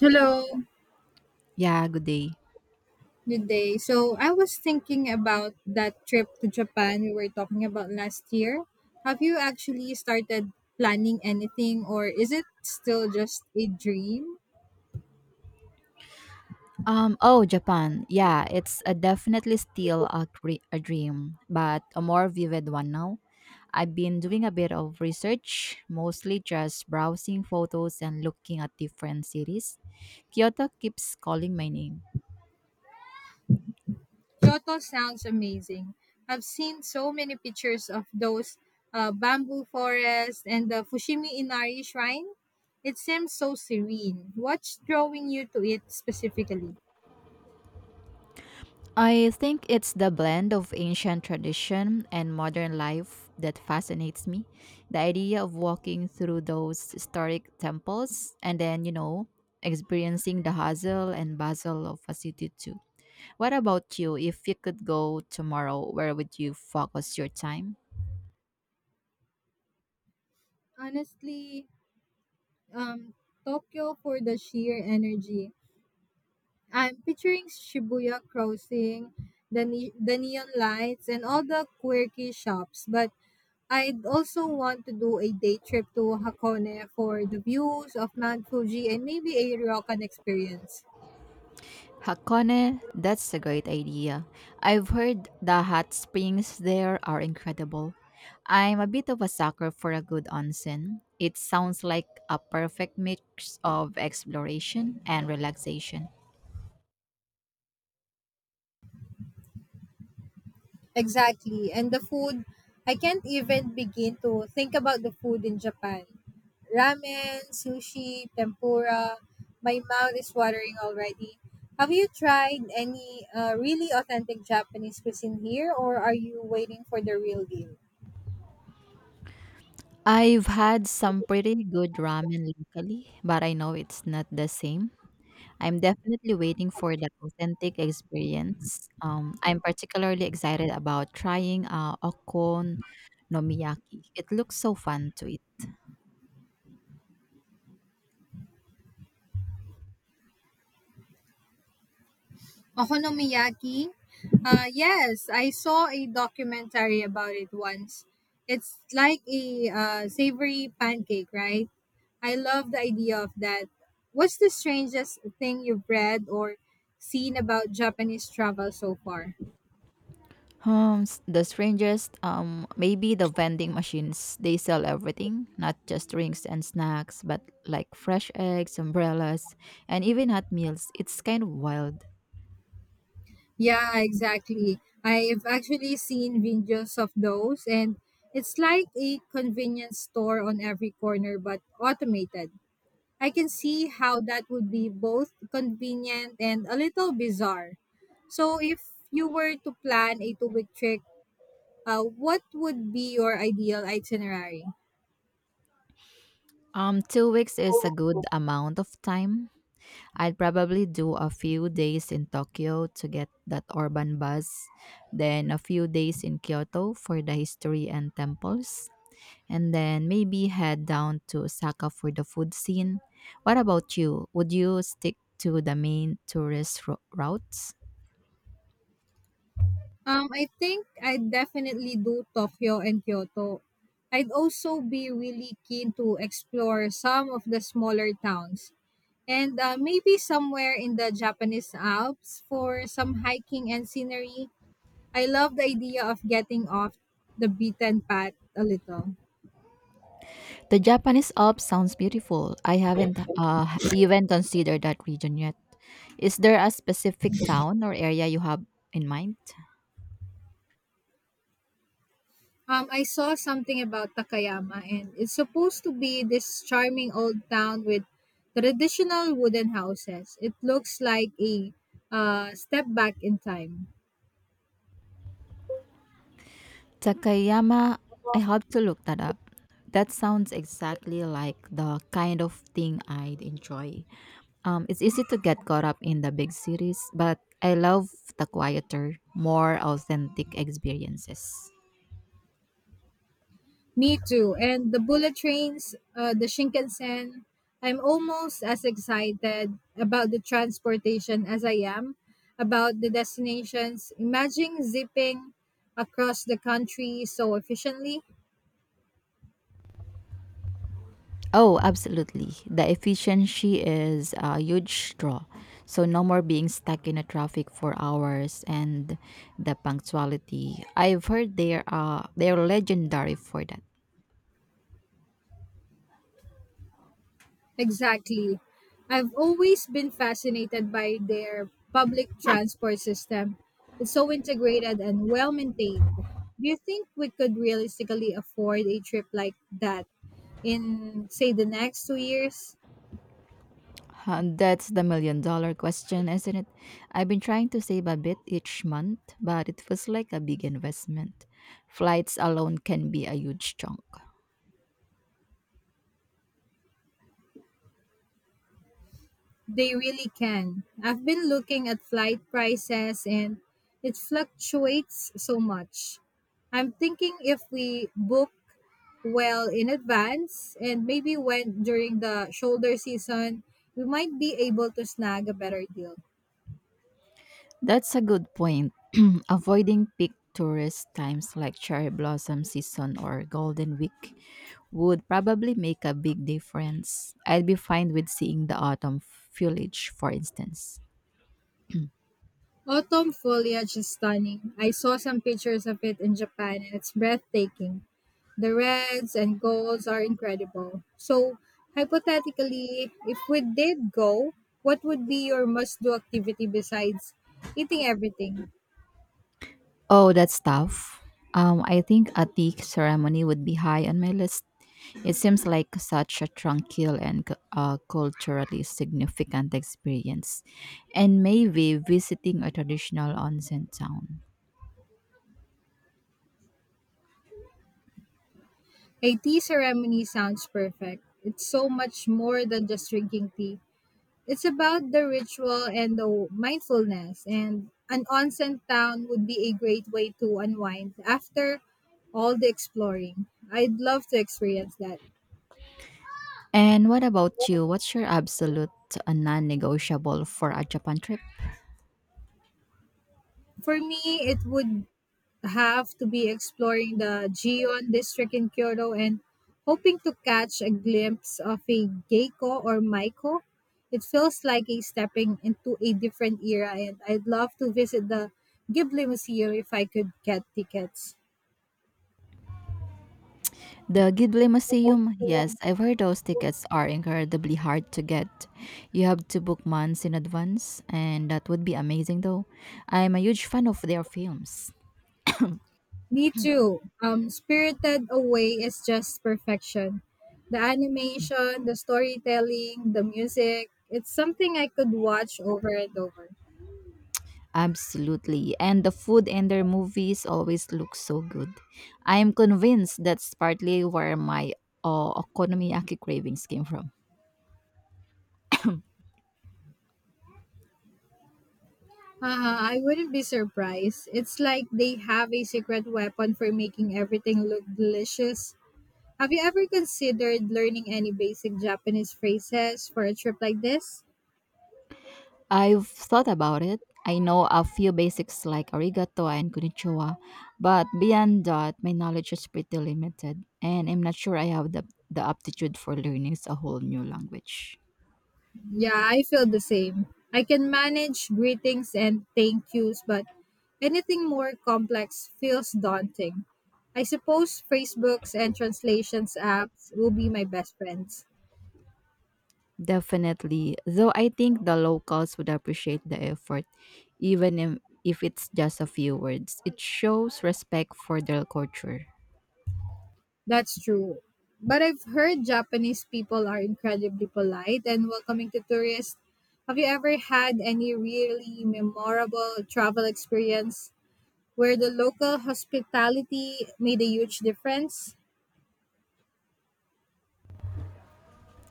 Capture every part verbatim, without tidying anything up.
Hello, Yeah, good day. good day. So I was thinking about that trip to Japan we were talking about last year. Have you actually started planning anything or is it still just a dream? Um, oh, Japan. Yeah, it's a definitely still a, cre- a dream, but a more vivid one now. I've been doing a bit of research, mostly just browsing photos and looking at different cities. Kyoto keeps calling my name. Kyoto sounds amazing. I've seen so many pictures of those uh, bamboo forests and the Fushimi Inari shrine. It seems so serene. What's drawing you to it specifically? I think it's the blend of ancient tradition and modern life that fascinates me. The idea of walking through those historic temples and then, you know, experiencing the hustle and bustle of a city too. What about you? If you could go tomorrow, where would you focus your time? Honestly, um, Tokyo for the sheer energy. I'm picturing Shibuya crossing, the ne- the neon lights and all the quirky shops, but I'd also want to do a day trip to Hakone for the views of Mount Fuji and maybe a ryokan experience. Hakone, that's a great idea. I've heard the hot springs there are incredible. I'm a bit of a sucker for a good onsen. It sounds like a perfect mix of exploration and relaxation. Exactly. And the food, I can't even begin to think about the food in Japan. Ramen, sushi, tempura. My mouth is watering already. Have you tried any uh, really authentic Japanese cuisine here, or are you waiting for the real deal? I've had some pretty good ramen locally, but I know it's not the same. I'm definitely waiting for that authentic experience. Um, I'm particularly excited about trying uh, okon nomiyaki. It looks so fun to eat. Okonomiyaki? Uh, yes, I saw a documentary about it once. It's like a uh, savory pancake, right? I love the idea of that. What's the strangest thing you've read or seen about Japanese travel so far? Um, s- the strangest, um, maybe the vending machines. They sell everything, not just drinks and snacks, but like fresh eggs, umbrellas, and even hot meals. It's kind of wild. Yeah, exactly. I've actually seen videos of those, and it's like a convenience store on every corner but automated. I can see how that would be both convenient and a little bizarre. So, if you were to plan a two week trip, uh, what would be your ideal itinerary? Um, two weeks is a good amount of time. I'd probably do a few days in Tokyo to get that urban buzz, then a few days in Kyoto for the history and temples, and then maybe head down to Osaka for the food scene. What about you? Would you stick to the main tourist ro- routes? Um, I think I'd definitely do Tokyo and Kyoto. I'd also be really keen to explore some of the smaller towns and uh, maybe somewhere in the Japanese Alps for some hiking and scenery. I love the idea of getting off the beaten path a little. The Japanese Alps sounds beautiful. I haven't uh, even considered that region yet. Is there a specific town or area you have in mind? Um, I saw something about Takayama, and it's supposed to be this charming old town with traditional wooden houses. It looks like a uh, step back in time. Takayama, I have to look that up. That sounds exactly like the kind of thing I'd enjoy. Um, it's easy to get caught up in the big cities, but I love the quieter, more authentic experiences. Me too. And the bullet trains, uh, the Shinkansen, I'm almost as excited about the transportation as I am about the destinations. Imagine zipping across the country so efficiently. Oh, absolutely. The efficiency is a huge draw. So, no more being stuck in a traffic for hours and the punctuality. I've heard they are, they're legendary for that. Exactly. I've always been fascinated by their public transport system. It's so integrated and well maintained. Do you think we could realistically afford a trip like that in, say, the next two years? Huh, that's the million dollar question, isn't it? I've been trying to save a bit each month, but it feels like a big investment. Flights alone can be a huge chunk. They really can. I've been looking at flight prices and it fluctuates so much. I'm thinking if we book well in advance and maybe when during the shoulder season, we might be able to snag a better deal. That's a good point. Avoiding peak tourist times like cherry blossom season or golden week would probably make a big difference. I'd be fine with seeing the autumn foliage, for instance. Autumn foliage is stunning. I saw some pictures of it in Japan and it's breathtaking. The reds and golds are incredible. So, hypothetically, if we did go, what would be your must do activity besides eating everything? Oh, that's tough. Um, I think a tea ceremony would be high on my list. It seems like such a tranquil and cu- uh, culturally significant experience, and maybe visiting a traditional onsen town. A tea ceremony sounds perfect. It's so much more than just drinking tea. It's about the ritual and the mindfulness, and an onsen town would be a great way to unwind after all the exploring. I'd love to experience that. And what about you? What's your absolute uh, non-negotiable for a Japan trip? For me, it would have to be exploring the Gion district in Kyoto and hoping to catch a glimpse of a Geiko or Maiko. It feels like a stepping into a different era, and I'd love to visit the Ghibli Museum if I could get tickets. The Gidley Museum, yes, I've heard those tickets are incredibly hard to get. You have to book months in advance, and that would be amazing though. I'm a huge fan of their films. Me too. Um, Spirited Away is just perfection. The animation, the storytelling, the music, it's something I could watch over and over. Absolutely, and the food in their movies always looks so good. I'm convinced that's partly where my uh, okonomiyaki cravings came from. Uh, I wouldn't be surprised. It's like they have a secret weapon for making everything look delicious. Have you ever considered learning any basic Japanese phrases for a trip like this? I've thought about it. I know a few basics like arigato and konnichiwa, but beyond that, my knowledge is pretty limited, and I'm not sure I have the, the aptitude for learning a whole new language. Yeah, I feel the same. I can manage greetings and thank yous, but anything more complex feels daunting. I suppose Facebook's and translations apps will be my best friends. Definitely, though I think the locals would appreciate the effort, even if, if it's just a few words. It shows respect for their culture. That's true. But I've heard Japanese people are incredibly polite and welcoming to tourists. Have you ever had any really memorable travel experience where the local hospitality made a huge difference?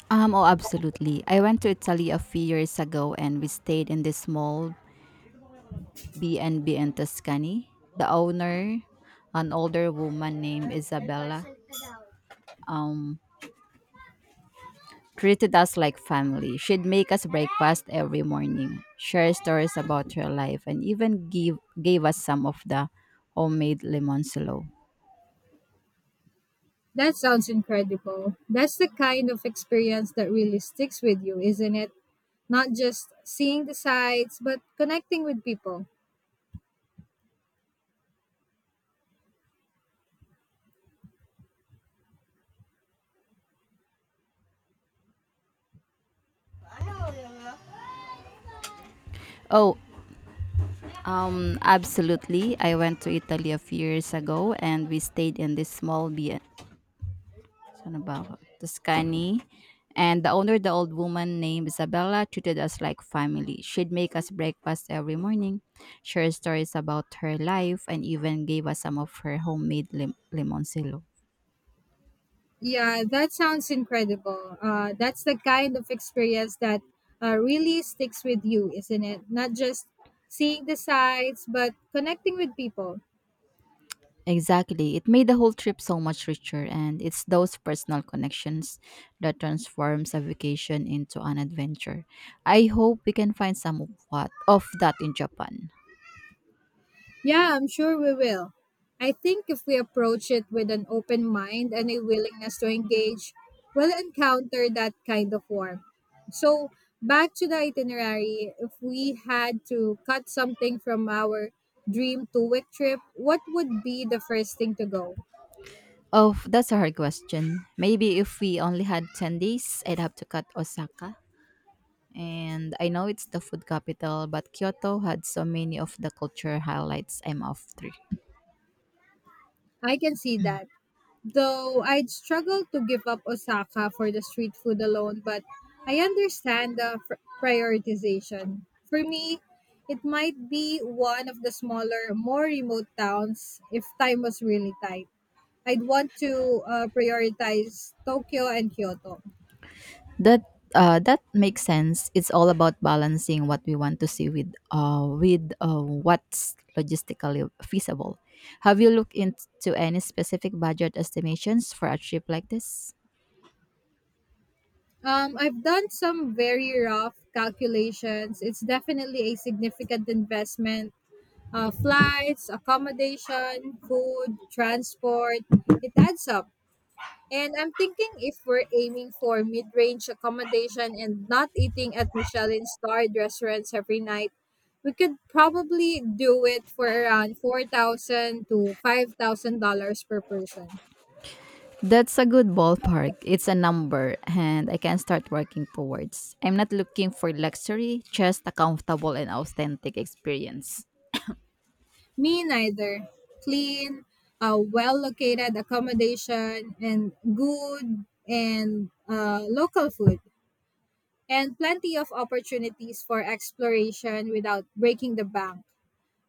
Um, oh, absolutely. I went to Italy a few years ago and we stayed in this small B and B in Tuscany. The owner, an older woman named Isabella, um, treated us like family. She'd make us breakfast every morning, share stories about her life, and even give gave us some of the homemade limoncillo. That sounds incredible. That's the kind of experience that really sticks with you, isn't it? Not just seeing the sights, but connecting with people. Oh, um, Absolutely. I went to Italy a few years ago and we stayed in this small B- San Navarro, Tuscany. And the owner, the old woman named Isabella, treated us like family. She'd make us breakfast every morning, share stories about her life, and even gave us some of her homemade lim- limoncillo. Yeah, that sounds incredible. Uh, that's the kind of experience that uh, really sticks with you, isn't it? Not just seeing the sights, but connecting with people. Exactly. It made the whole trip so much richer, and it's those personal connections that transforms a vacation into an adventure. I hope we can find some of what of that in Japan. Yeah, I'm sure we will. I think if we approach it with an open mind and a willingness to engage, we'll encounter that kind of warmth. So, back to the itinerary, if we had to cut something from our dream two week trip, what would be the first thing to go? Oh, that's a hard question. Maybe if we only had ten days, I'd have to cut Osaka. And I know it's the food capital, but Kyoto had so many of the culture highlights I'm off three. I can see that. Though I'd struggle to give up Osaka for the street food alone, but I understand the fr- prioritization. For me, it might be one of the smaller, more remote towns if time was really tight. I'd want to uh, prioritize Tokyo and Kyoto. That uh, that makes sense. It's all about balancing what we want to see with uh, with uh, what's logistically feasible. Have you looked into any specific budget estimations for a trip like this? Um, I've done some very rough calculations. It's definitely a significant investment. Uh, flights, accommodation, food, transport, it adds up. And I'm thinking if we're aiming for mid range accommodation and not eating at Michelin starred restaurants every night, we could probably do it for around four thousand to five thousand dollars per person. That's a good ballpark. It's a number, and I can start working towards. I'm not looking for luxury, just a comfortable and authentic experience. Me neither. Clean, uh, well located accommodation, and good and uh, local food, and plenty of opportunities for exploration without breaking the bank.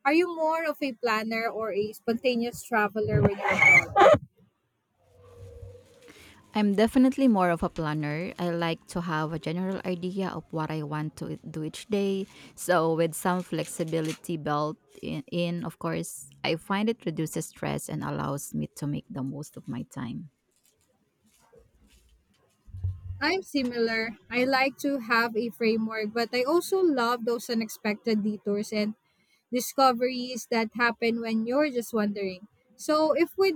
Are you more of a planner or a spontaneous traveler when you abroad? I'm definitely more of a planner. I like to have a general idea of what I want to do each day. So, with some flexibility built in, in of course, I find it reduces stress and allows me to make the most of my time. I'm similar. I like to have a framework, but I also love those unexpected detours and discoveries that happen when you're just wandering. So if we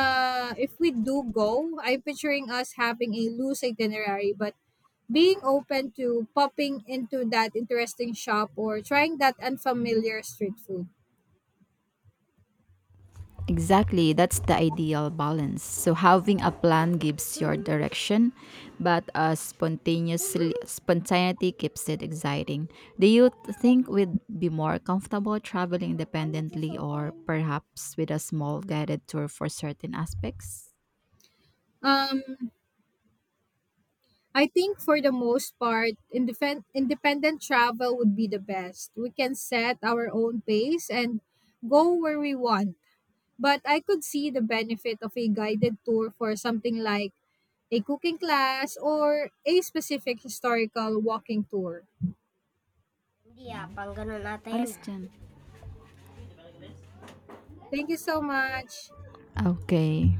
uh if we do go, I'm picturing us having a loose itinerary, but being open to popping into that interesting shop or trying that unfamiliar street food. Exactly, that's the ideal balance. So having a plan gives your direction, but uh, spontaneously spontaneity keeps it exciting. Do you th- think we'd be more comfortable traveling independently or perhaps with a small guided tour for certain aspects? Um I think for the most part, independ- independent travel would be the best. We can set our own pace and go where we want. But I could see the benefit of a guided tour for something like a cooking class or a specific historical walking tour. Yeah, pang ganun Alas natin. Alas dyan. Thank you so much. Okay.